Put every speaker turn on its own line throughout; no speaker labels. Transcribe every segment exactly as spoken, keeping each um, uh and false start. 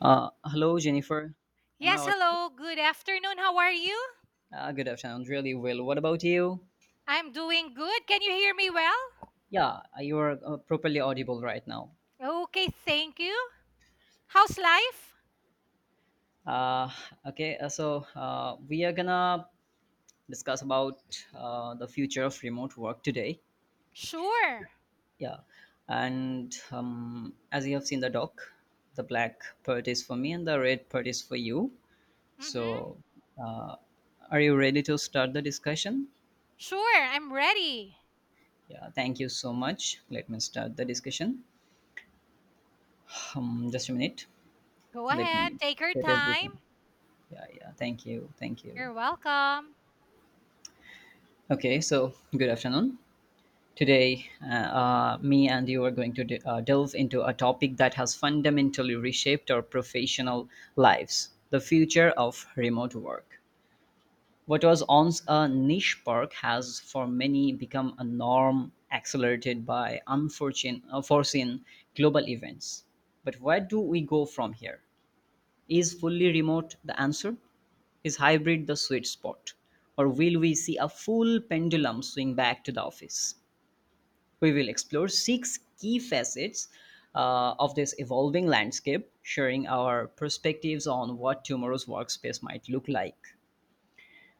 Uh, hello, Jennifer. Am I
Yes,
audible?
hello. Good afternoon. How are you?
Uh, good afternoon. Really well. What about you?
I'm doing good. Can you hear me well?
Yeah, uh, you are uh, properly audible right now.
Okay, thank you. How's life?
Uh, okay, uh, so uh, we are gonna discuss about uh, the future of remote work today.
Sure.
Yeah, and um, as you have seen the doc, the black part is for me and the red part is for you.
Mm-hmm.
So, uh, are you ready to start the discussion?
Sure, I'm ready.
Yeah, thank you so much. Let me start the discussion. Um, just a minute.
Go
Let me
ahead. Take your
set
time.
everything. Yeah, yeah. Thank you. Thank you.
You're welcome.
Okay, so good afternoon. Today, uh, uh, me and you are going to de- uh, delve into a topic that has fundamentally reshaped our professional lives, the future of remote work. What was once a niche perk has, for many, become a norm accelerated by unforeseen, unforeseen global events. But where do we go from here? Is fully remote the answer? Is hybrid the sweet spot? Or will we see a full pendulum swing back to the office? We will explore six key facets uh, of this evolving landscape, sharing our perspectives on what tomorrow's workspace might look like.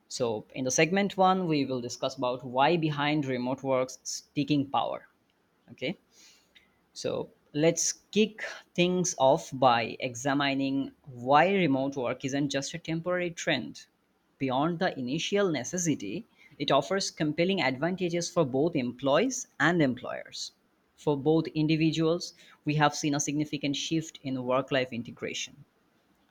So, in the segment one, we will discuss about why behind remote work's sticking power. Okay. So let's kick things off by examining why remote work isn't just a temporary trend. Beyond the initial necessity, it offers compelling advantages for both employees and employers. For both individuals, we have seen a significant shift in work life integration.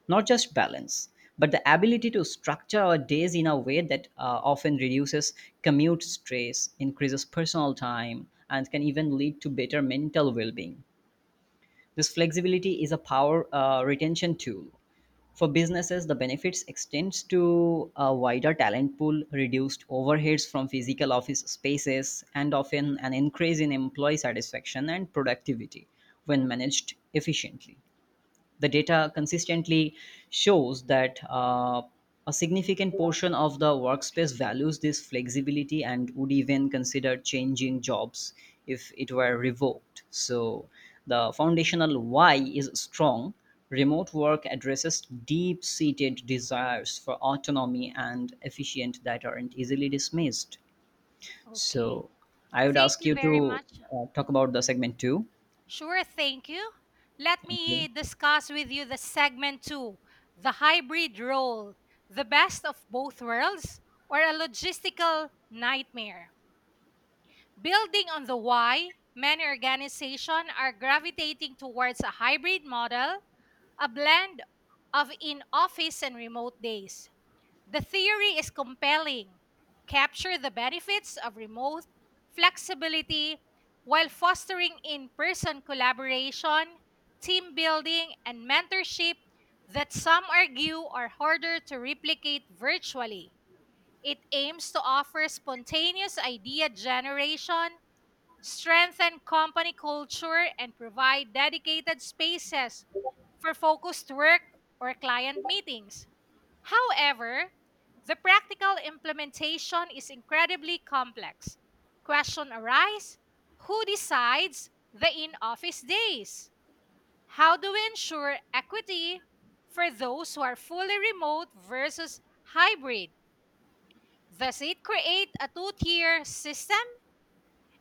Not just balance, but the ability to structure our days in a way that uh, often reduces commute stress, increases personal time, and can even lead to better mental well being. This flexibility is a power uh, retention tool. For businesses, the benefits extends to a wider talent pool, reduced overheads from physical office spaces, and often an increase in employee satisfaction and productivity when managed efficiently. The data consistently shows that uh, a significant portion of the workspace values this flexibility and would even consider changing jobs if it were revoked. So, the foundational why is strong. Remote work addresses deep seated desires for autonomy and efficient that aren't easily dismissed.
Okay.
So, I would
Thank
ask
you
you
very
to
much.
uh, talk about the segment two.
Sure, thank you. Let
Thank
me
you.
discuss with you the segment two the hybrid role, the best of both worlds, or a logistical nightmare. Building on the why, many organizations are gravitating towards a hybrid model, a blend of in office and remote days. The theory is compelling. Capture the benefits of remote flexibility while fostering in person collaboration, team building, and mentorship that some argue are harder to replicate virtually. It aims to offer spontaneous idea generation, strengthen company culture, and provide dedicated spaces for focused work or client meetings. However, the practical implementation is incredibly complex. Question arise, who decides the in-office days? How do we ensure equity for those who are fully remote versus hybrid? Does it create a two-tier system,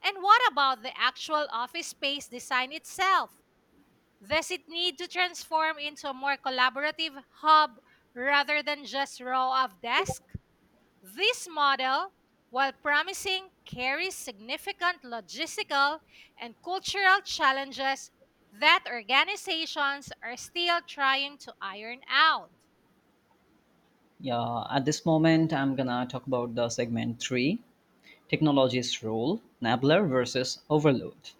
and what about the actual office space design itself? Does it need to transform into a more collaborative hub rather than just row of desks? This model, while promising, carries significant logistical and cultural challenges that organizations are still trying to iron out.
Yeah, at this moment, I'm gonna talk about the segment three, technology's role, enabler versus overload.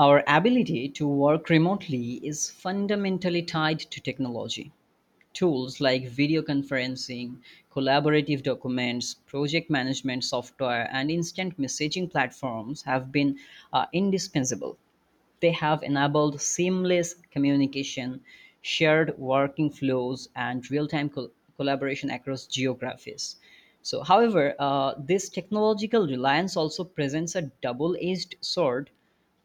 Our ability to work remotely is fundamentally tied to technology. Tools like video conferencing, collaborative documents, project management software, and instant messaging platforms have been uh, indispensable. They have enabled seamless communication, shared working flows, and real-time col- collaboration across geographies. So, however, uh, this technological reliance also presents a double-edged sword.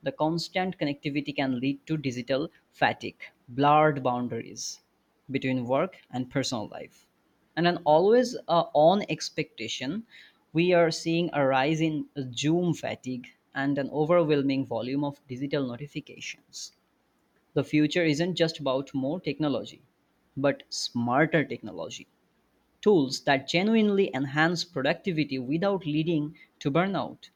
The constant connectivity can lead to digital fatigue, blurred boundaries between work and personal life, and an always uh, on expectation. We are seeing a rise in Zoom fatigue and an overwhelming volume of digital notifications. The future isn't just about more technology, but smarter technology, tools that genuinely enhance productivity without leading to burnout.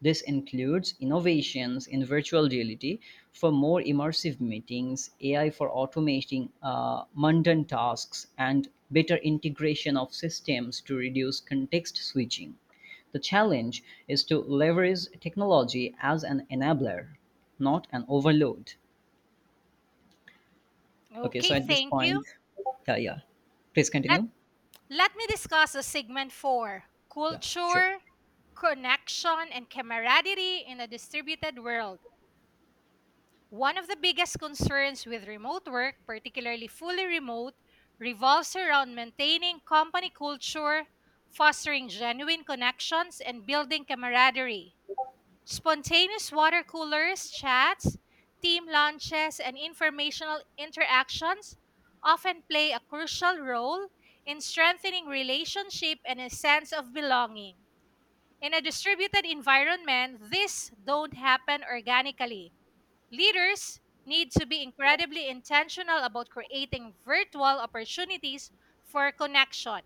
This includes innovations in virtual reality for more immersive meetings, A I for automating uh, mundane tasks, and better integration of systems to reduce context switching. The challenge is to leverage technology as an enabler, not an overload. Okay,
Okay,
so at this
thank you.
point, yeah, yeah. Please
Let
continue.
Let me discuss the segment four:
Yeah, sure.
culture, connection, and camaraderie in a distributed world. One of the biggest concerns with remote work, particularly fully remote, revolves around maintaining company culture, fostering genuine connections, and building camaraderie. Spontaneous water coolers, chats, team lunches, and informational interactions often play a crucial role in strengthening relationship and a sense of belonging. In a distributed environment, this don't happen organically. Leaders need to be incredibly intentional about creating virtual opportunities for connection,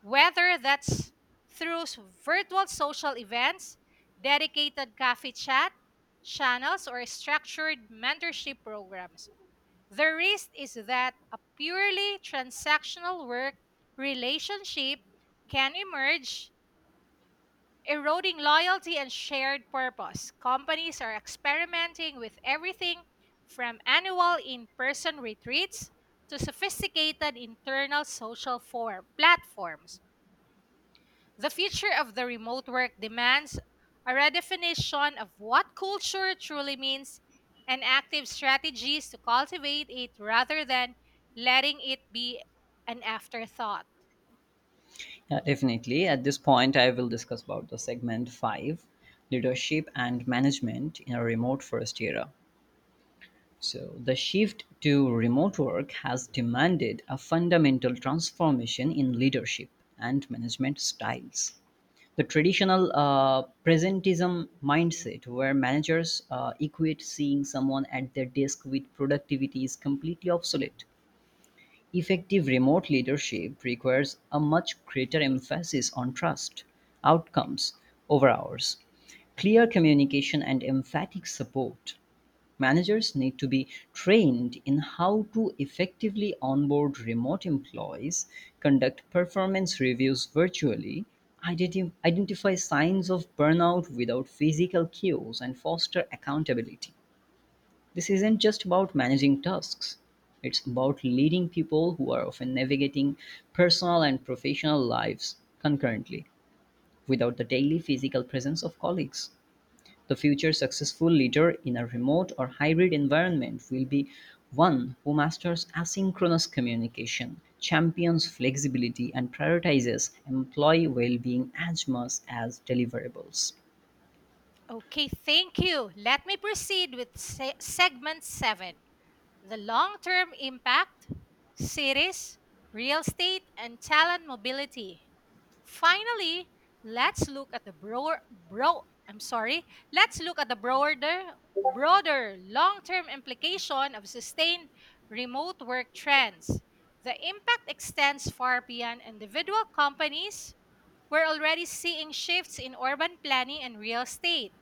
whether that's through s- virtual social events, dedicated coffee chat channels, or structured mentorship programs. The risk is that a purely transactional work relationship can emerge, eroding loyalty and shared purpose. Companies are experimenting with everything from annual in person retreats to sophisticated internal social form platforms. The future of the remote work demands a redefinition of what culture truly means and active strategies to cultivate it rather than letting it be an afterthought.
Yeah, definitely. At this point, I will discuss about the segment five, leadership and management in a remote first era. So, the shift to remote work has demanded a fundamental transformation in leadership and management styles. The traditional uh, presentism mindset, where managers uh, equate seeing someone at their desk with productivity, is completely obsolete. Effective remote leadership requires a much greater emphasis on trust, outcomes over hours, clear communication, and emphatic support. Managers need to be trained in how to effectively onboard remote employees, conduct performance reviews virtually, identi- identify signs of burnout without physical cues, and foster accountability. This isn't just about managing tasks, it's about leading people who are often navigating personal and professional lives concurrently without the daily physical presence of colleagues. The future successful leader in a remote or hybrid environment will be one who masters asynchronous communication, champions flexibility, and prioritizes employee well being as much as deliverables.
Okay, thank you. Let me proceed with se- segment seven: the long term impact, cities, real estate, and talent mobility. Finally, let's look at the broader bro I'm sorry, let's look at the broader broader long-term implication of sustained remote work trends. The impact extends far beyond individual companies. We're already seeing shifts in urban planning and real estate.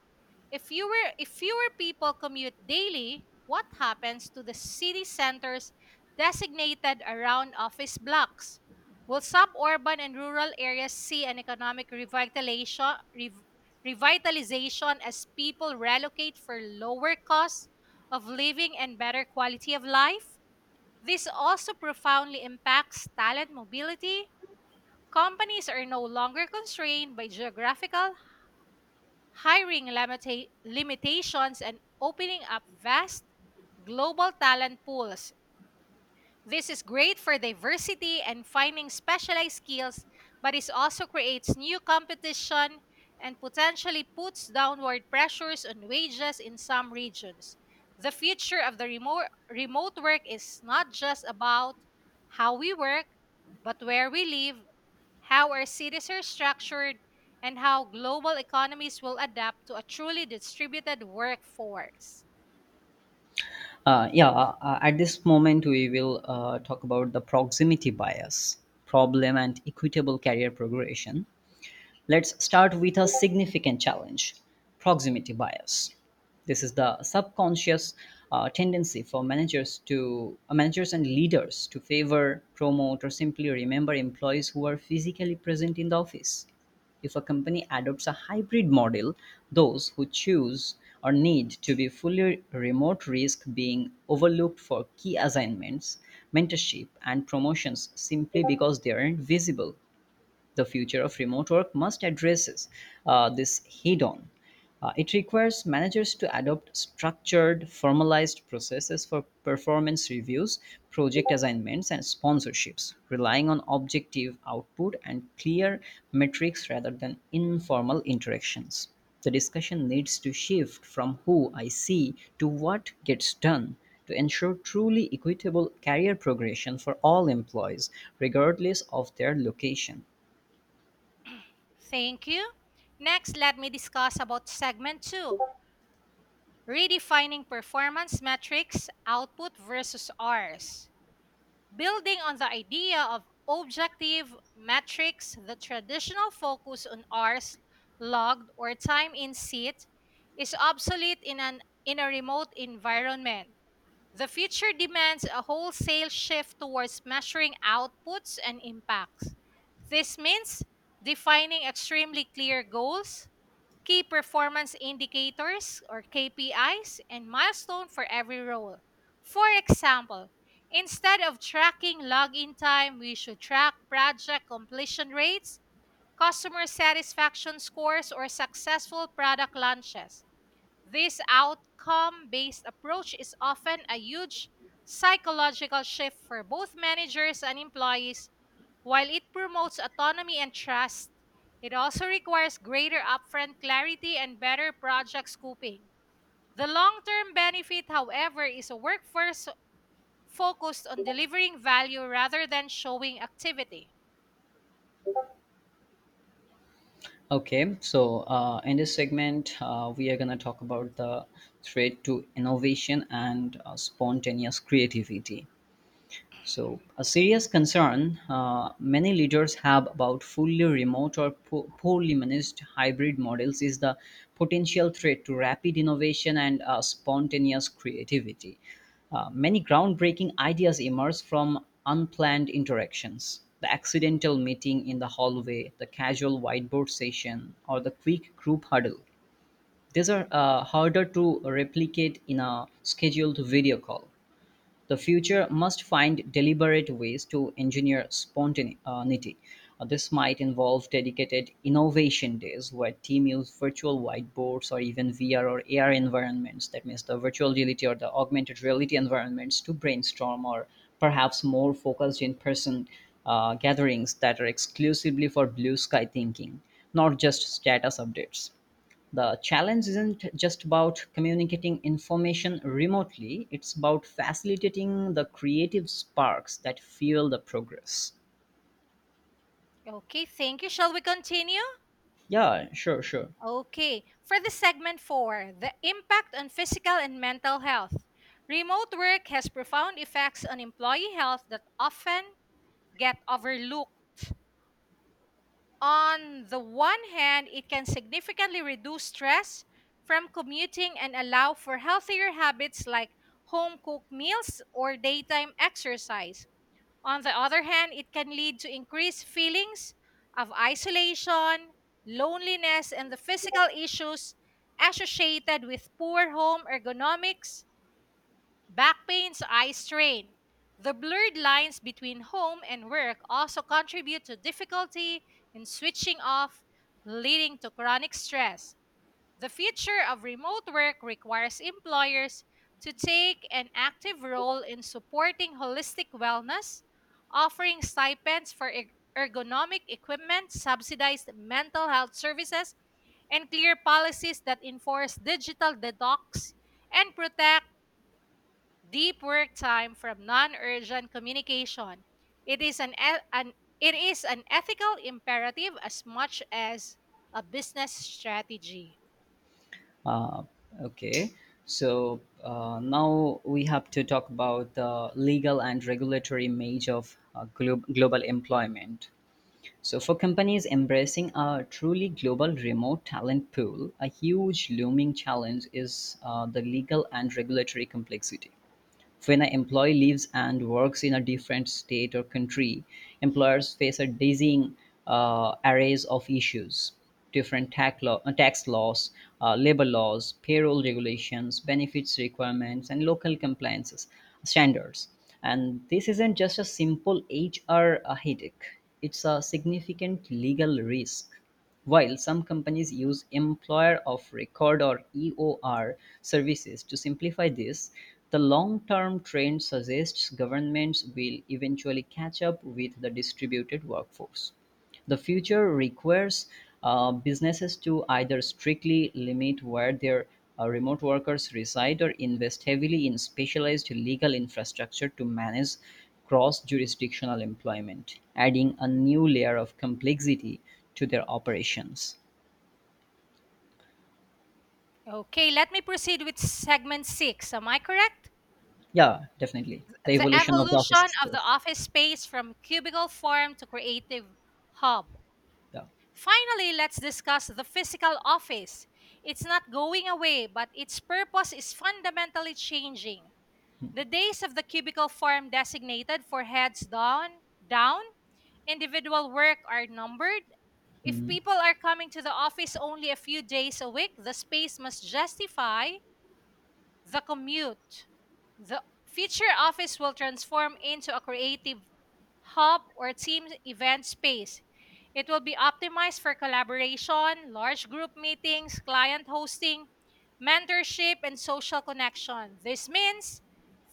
If fewer, if fewer people commute daily, what happens to the city centers designated around office blocks? Will suburban and rural areas see an economic revitalization, rev- revitalization as people relocate for lower costs of living and better quality of life? This also profoundly impacts talent mobility. Companies are no longer constrained by geographical hiring limita- limitations and opening up vast global talent pools. This is great for diversity and finding specialized skills, but it also creates new competition and potentially puts downward pressures on wages in some regions. The future of the remote, remote work is not just about how we work, but where we live, how our cities are structured, and how global economies will adapt to a truly distributed workforce.
Uh, yeah, uh, at this moment, we will uh, talk about the proximity bias problem and equitable career progression. Let's start with a significant challenge, proximity bias. This is the subconscious uh, tendency for managers to uh, managers and leaders to favor, promote, or simply remember employees who are physically present in the office. If a company adopts a hybrid model, those who choose or need to be fully remote risk being overlooked for key assignments, mentorship, and promotions simply because they aren't visible. The future of remote work must address uh, this head on. Uh, it requires managers to adopt structured, formalized processes for performance reviews, project assignments, and sponsorships, relying on objective output and clear metrics rather than informal interactions. The discussion needs to shift from who I see to what gets done to ensure truly equitable career progression for all employees, regardless of their location.
Thank you. Next, let me discuss about segment two: redefining performance metrics, output versus Rs. Building on the idea of objective metrics, the traditional focus on Rs logged or time in seat is obsolete in an in a remote environment. The future demands a wholesale shift towards measuring outputs and impacts. This means defining extremely clear goals, key performance indicators or K P Is, and milestone for every role. For example, instead of tracking login time, we should track project completion rates, customer satisfaction scores, or successful product launches. This outcome based approach is often a huge psychological shift for both managers and employees. While it promotes autonomy and trust, it also requires greater upfront clarity and better project scoping. The long term benefit, however, is a workforce focused on delivering value rather than showing activity.
Okay, so uh, in this segment, uh, we are going to talk about the threat to innovation and uh, spontaneous creativity. So, a serious concern uh, many leaders have about fully remote or po- poorly managed hybrid models is the potential threat to rapid innovation and uh, spontaneous creativity. Uh, many groundbreaking ideas emerge from unplanned interactions. The accidental meeting in the hallway, the casual whiteboard session, or the quick group huddle. These are uh, harder to replicate in a scheduled video call. The future must find deliberate ways to engineer spontaneity. Uh, This might involve dedicated innovation days where team use virtual whiteboards or even V R or A R environments, that means the virtual reality or the augmented reality environments, to brainstorm or perhaps more focused in person uh, gatherings that are exclusively for blue sky thinking, not just status updates. The challenge isn't just about communicating information remotely, it's about facilitating the creative sparks that fuel the progress.
Okay, thank you. Shall we continue?
Yeah, sure sure
Okay, for the segment four, the impact on physical and mental health. Remote work has profound effects on employee health that often get overlooked. On the one hand, it can significantly reduce stress from commuting and allow for healthier habits like home cooked meals or daytime exercise. On the other hand, it can lead to increased feelings of isolation, loneliness, and the physical issues associated with poor home ergonomics, back pains, eye strain. The blurred lines between home and work also contribute to difficulty in switching off, leading to chronic stress. The future of remote work requires employers to take an active role in supporting holistic wellness, offering stipends for erg- ergonomic equipment, subsidized mental health services, and clear policies that enforce digital detox and protect deep work time from non-urgent communication. It is an, e- an it is an ethical imperative as much as a business strategy.
uh, okay so uh, now we have to talk about the legal and regulatory image of uh, glo- global employment. So for companies embracing a truly global remote talent pool, a huge looming challenge is uh, the legal and regulatory complexity. When an employee lives and works in a different state or country, employers face a dizzying uh, arrays of issues. Different tax, law, uh, tax laws, uh, labor laws, payroll regulations, benefits requirements, and local compliances uh, standards. And this isn't just a simple H R headache, it's a significant legal risk. While some companies use employer of record or E O R services to simplify this, the long term trend suggests governments will eventually catch up with the distributed workforce. The future requires uh, businesses to either strictly limit where their uh, remote workers reside or invest heavily in specialized legal infrastructure to manage cross jurisdictional employment, adding a new layer of complexity to their operations.
Okay, let me proceed with segment six. Am I correct?
Yeah, definitely. The
The
evolution of the office
evolution of the
space.
office space, from cubicle form to creative hub.
Yeah.
Finally, let's discuss the physical office. It's not going away, but its purpose is fundamentally changing. The days of the cubicle form designated for heads down, down, individual work are numbered. If
Mhm.
people are coming to the office only a few days a week, the space must justify the commute. The future office will transform into a creative hub or team event space. It will be optimized for collaboration, large group meetings, client hosting, mentorship, and social connection. This means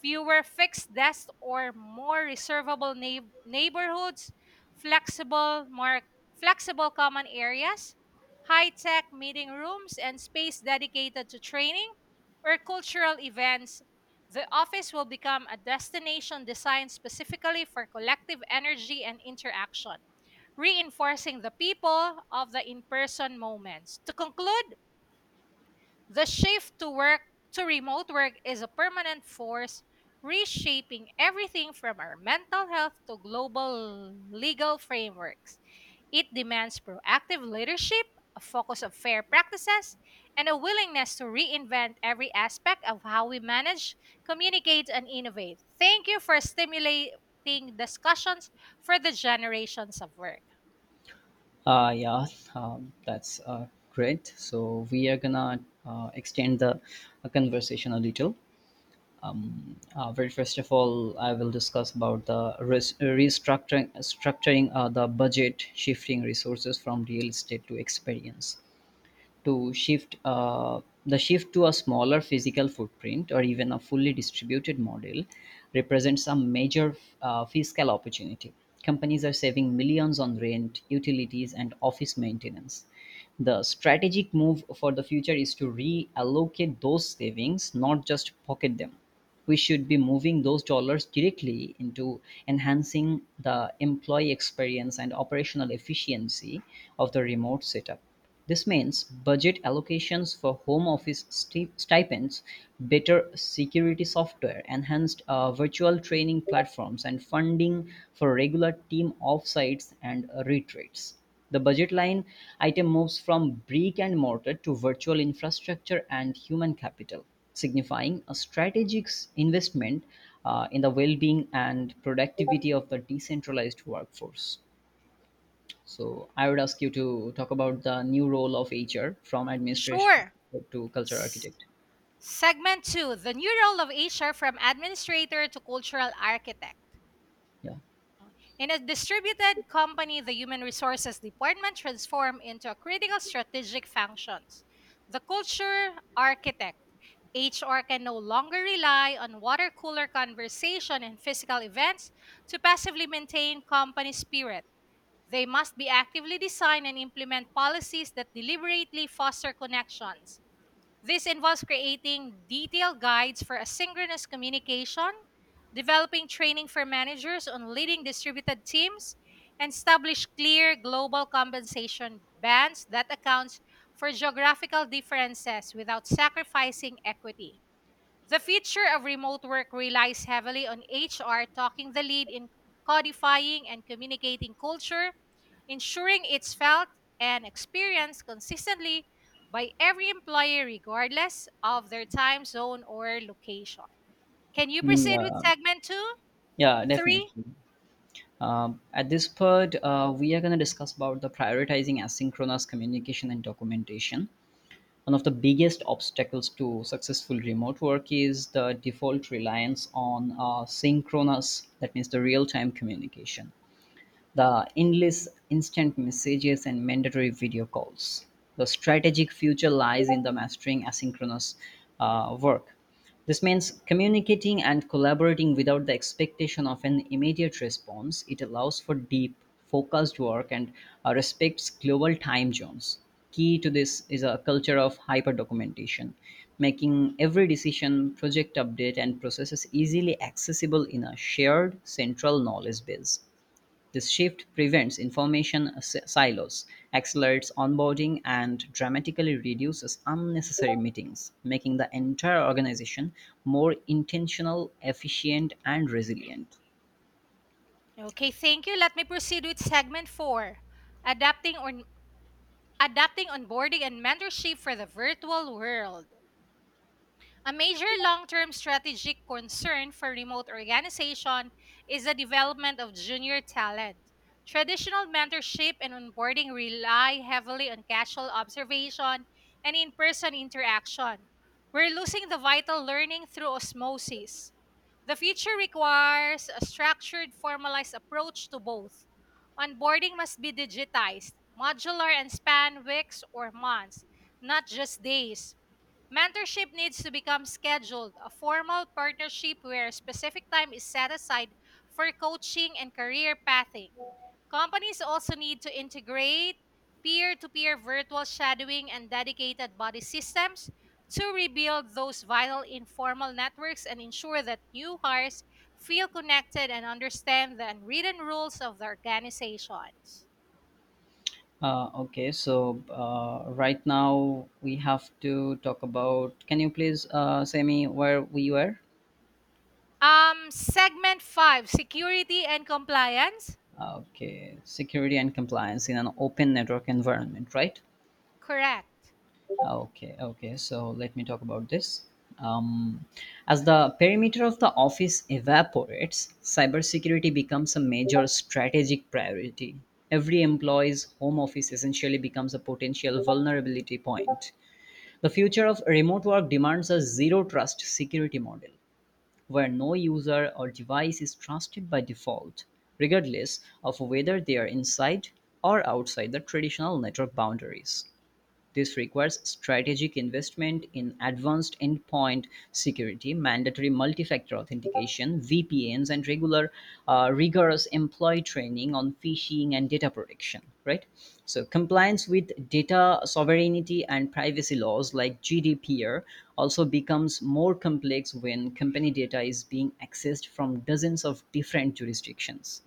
fewer fixed desks or more reservable neigh- neighborhoods, flexible, more flexible common areas, high-tech meeting rooms, and space dedicated to training or cultural events. The office will become a destination designed specifically for collective energy and interaction, reinforcing the people of the in person moments. To conclude, the shift to work to remote work is a permanent force reshaping everything from our mental health to global legal frameworks. It demands proactive leadership, a focus of fair practices, and a willingness to reinvent every aspect of how we manage, communicate, and innovate. Thank you for stimulating discussions for the generations of work.
Uh, yeah, um, that's uh, great. So we are gonna uh, extend the uh, conversation a little. um, uh, well, first of all, I will discuss about the res- restructuring structuring uh, the budget, shifting resources from real estate to experience. To shift uh, the shift to a smaller physical footprint or even a fully distributed model represents a major uh, fiscal opportunity. Companies are saving millions on rent, utilities, and office maintenance. The strategic move for the future is to reallocate those savings, not just pocket them. We should be moving those dollars directly into enhancing the employee experience and operational efficiency of the remote setup. This means budget allocations for home office stip- stipends, better security software, enhanced uh, virtual training platforms, and funding for regular team offsites and uh, retreats. The budget line item moves from brick and mortar to virtual infrastructure and human capital, signifying a strategic s- investment uh, in the well being and productivity of the decentralized workforce. So I would ask you to talk about the new role of H R from administration
Sure.
to culture
S-
architect.
Segment two: The New Role of H R from Administrator to Cultural Architect.
Yeah,
In a distributed company, the human resources department transforms into a critical strategic functions: the culture architect. H R can no longer rely on water cooler conversation and physical events to passively maintain company spirit. They must be actively design and implement policies that deliberately foster connections. This involves creating detailed guides for asynchronous communication, developing training for managers on leading distributed teams, and establish clear global compensation bands that accounts for geographical differences without sacrificing equity. The future of remote work relies heavily on H R talking the lead in codifying and communicating culture, ensuring it's felt and experienced consistently by every employee, regardless of their time zone or location. Can you
Mm,
proceed with
yeah,
segment two?
yeah,
Three?
definitely. Um, at this part, uh, we are going to discuss about the prioritizing asynchronous communication and documentation. One of the biggest obstacles to successful remote work is the default reliance on uh, synchronous, that means the real-time communication, the endless instant messages and mandatory video calls. The strategic future lies in the mastering asynchronous uh, work. This means communicating and collaborating without the expectation of an immediate response. It allows for deep, focused work and uh, respects global time zones. Key to this is a culture of hyper documentation, making every decision, project update, and processes easily accessible in a shared central knowledge base. This shift prevents information s- silos, accelerates onboarding, and dramatically reduces unnecessary meetings, making the entire organization more intentional, efficient, and resilient.
Okay, thank you. Let me proceed with segment four: adapting on adapting onboarding and mentorship for the virtual world. A major long-term strategic concern for remote organization is the development of junior talent. Traditional mentorship and onboarding rely heavily on casual observation and in-person interaction. We're losing the vital learning through osmosis. The future requires a structured, formalized approach to both. Onboarding must be digitized, modular, and span weeks or months, not just days. Mentorship needs to become scheduled, a formal partnership where specific time is set aside for coaching and career pathing. Companies also need to integrate peer to peer virtual shadowing and dedicated body systems to rebuild those vital informal networks and ensure that new hires feel connected and understand the unwritten rules of the organizations.
Uh, okay, so uh, right now we have to talk about. Can you please uh, say me where we were?
Um, segment five: Security and Compliance.
Uh, Okay, Security and compliance in an open network environment, right?
Correct.
Okay, okay. So let me talk about this. Um, as the perimeter of the office evaporates, cybersecurity becomes a major strategic priority. Every employee's home office essentially becomes a potential vulnerability point. The future of remote work demands a zero trust security model where no user or device is trusted by default, regardless of whether they are inside or outside the traditional network boundaries. This requires strategic investment in advanced endpoint security, mandatory multi-factor authentication, V P Ns, and regular, uh, rigorous employee training on phishing and data protection. Right. So compliance with data sovereignty and privacy laws like G D P R also becomes more complex when company data is being accessed from dozens of different jurisdictions.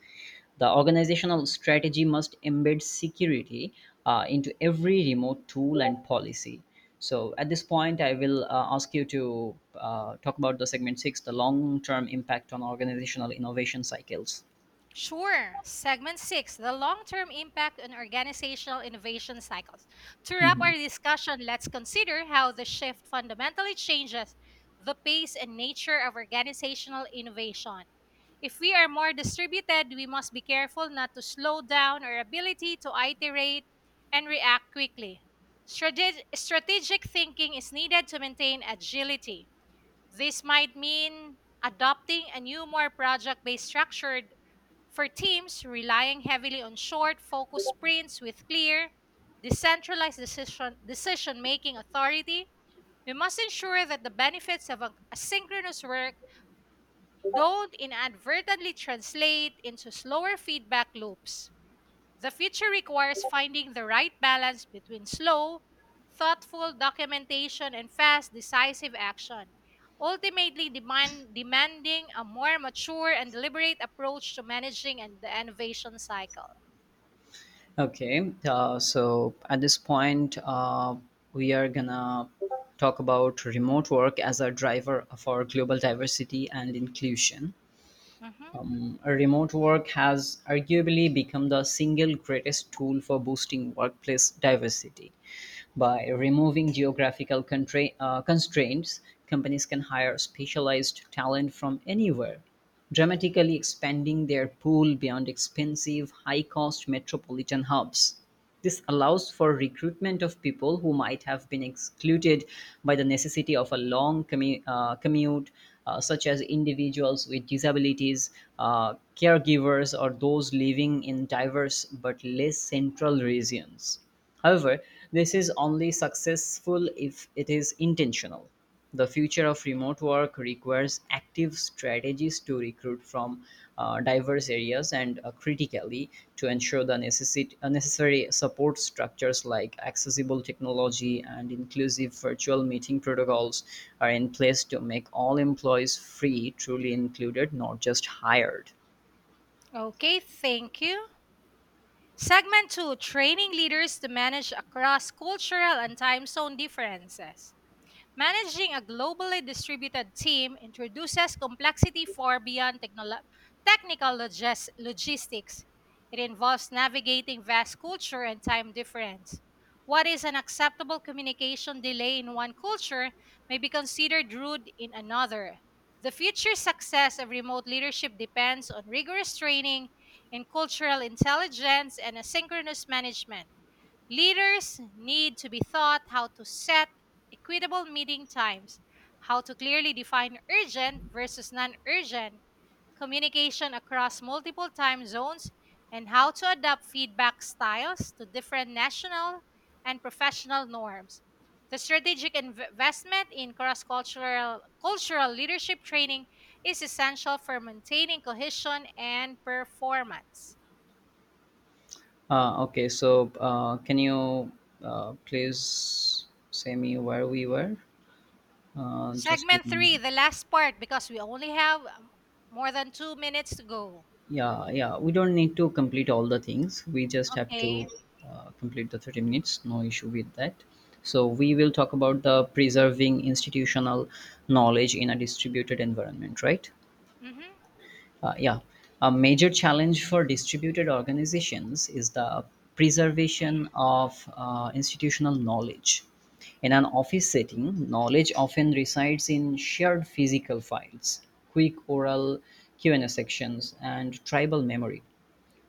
The organizational strategy must embed security uh, into every remote tool and policy. So, at this point, I will uh, ask you to uh, talk about the segment six, the long term impact on organizational innovation cycles.
Sure. Segment six: the long term impact on organizational innovation cycles. To wrap our
Mhm.
discussion, let's consider how the shift fundamentally changes the pace and nature of organizational innovation. If we are more distributed, we must be careful not to slow down our ability to iterate and react quickly. Strate- strategic thinking is needed to maintain agility. This might mean adopting a new, more project based structure for teams relying heavily on short, focused sprints with clear, decentralized decision decision making authority. We must ensure that the benefits of a- asynchronous work don't inadvertently translate into slower feedback loops. The future requires finding the right balance between slow, thoughtful documentation and fast, decisive action, ultimately demand, demanding a more mature and deliberate approach to managing and the innovation cycle.
Okay, uh, so at this point, uh, we are gonna talk about remote work as a driver for global diversity and inclusion.
Mhm.
Remote work has arguably become the single greatest tool for boosting workplace diversity. By removing geographical contra- uh, constraints, companies can hire specialized talent from anywhere, dramatically expanding their pool beyond expensive, high cost metropolitan hubs. This allows for recruitment of people who might have been excluded by the necessity of a long commu- uh, commute, uh, such as individuals with disabilities, uh, caregivers, or those living in diverse but less central regions. However, this is only successful if it is intentional. The future of remote work requires active strategies to recruit from uh, diverse areas, and uh, critically, to ensure the necessit- uh, necessary support structures like accessible technology and inclusive virtual meeting protocols are in place to make all employees free, truly included, not just hired.
Okay, thank you. Segment two: Training leaders to manage across cultural and time zone differences. Managing a globally distributed team introduces complexity far beyond technolo- technical logis- logistics. It involves navigating vast culture and time difference. What is an acceptable communication delay in one culture may be considered rude in another. The future success of remote leadership depends on rigorous training in cultural intelligence and asynchronous management. Leaders need to be taught how to set equitable meeting times, how to clearly define urgent versus non urgent, communication across multiple time zones, and how to adapt feedback styles to different national and professional norms. The strategic inv- investment in cross cultural cultural leadership training is essential for maintaining cohesion and performance.
Uh, okay, so uh, can you uh, please say me where we were? Uh, just
Segment
give me.
three, the last part, because we only have um, more than two minutes to go.
Yeah, yeah, we don't need to complete all the things. We just have to
Okay.
uh, complete the thirty minutes, no issue with that. So we will talk about the preserving institutional knowledge in a distributed environment, right?
Mm-hmm.
uh, yeah, a major challenge for distributed organizations is the preservation of uh, institutional knowledge. In an office setting, knowledge often resides in shared physical files, quick oral Q and A sections, and tribal memory.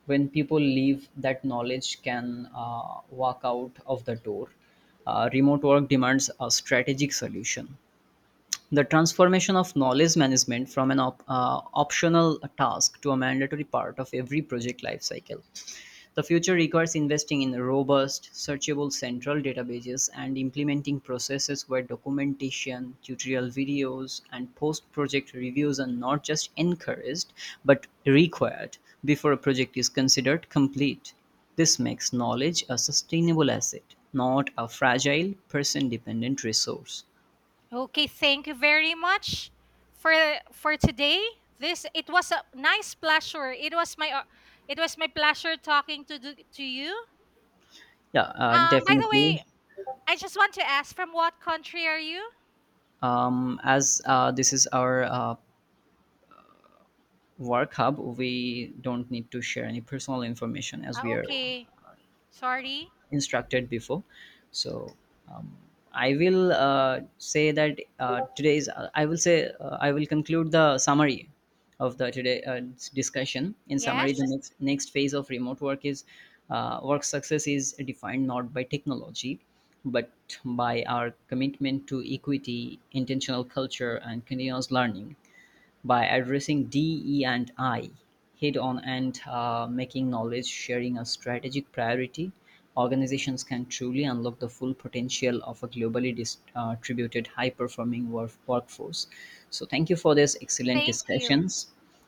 When people leave, that knowledge can uh, walk out of the door. Uh, remote work demands a strategic solution, the transformation of knowledge management from an op- uh, optional task to a mandatory part of every project lifecycle. The future requires investing in robust, searchable central databases and implementing processes where documentation, tutorial videos, and post project reviews are not just encouraged but required before a project is considered complete. This makes knowledge a sustainable asset, not a fragile, person dependent resource.
Okay. Thank you very much for for today. This it was a nice pleasure. It was my uh, it was my pleasure talking to the- to you.
Yeah, uh,
Um. By the
definitely.
way, I just want to ask, from what country are you?
Um, as uh, this is our uh, work hub, we don't need to share any personal information, as
Ah,
we are
okay. Sorry.
instructed before. So, um, I will uh, say that uh, today's I will say uh, I will conclude the summary of the today uh, discussion. In summary,
Yes.
the next next phase of remote work is uh, work success is defined not by technology but by our commitment to equity, intentional culture, and continuous learning. By addressing D E and I head on and uh, making knowledge sharing a strategic priority, organizations can truly unlock the full potential of a globally dis- uh, distributed, high performing, work- workforce. So, thank you for this excellent
Thank you.
discussions.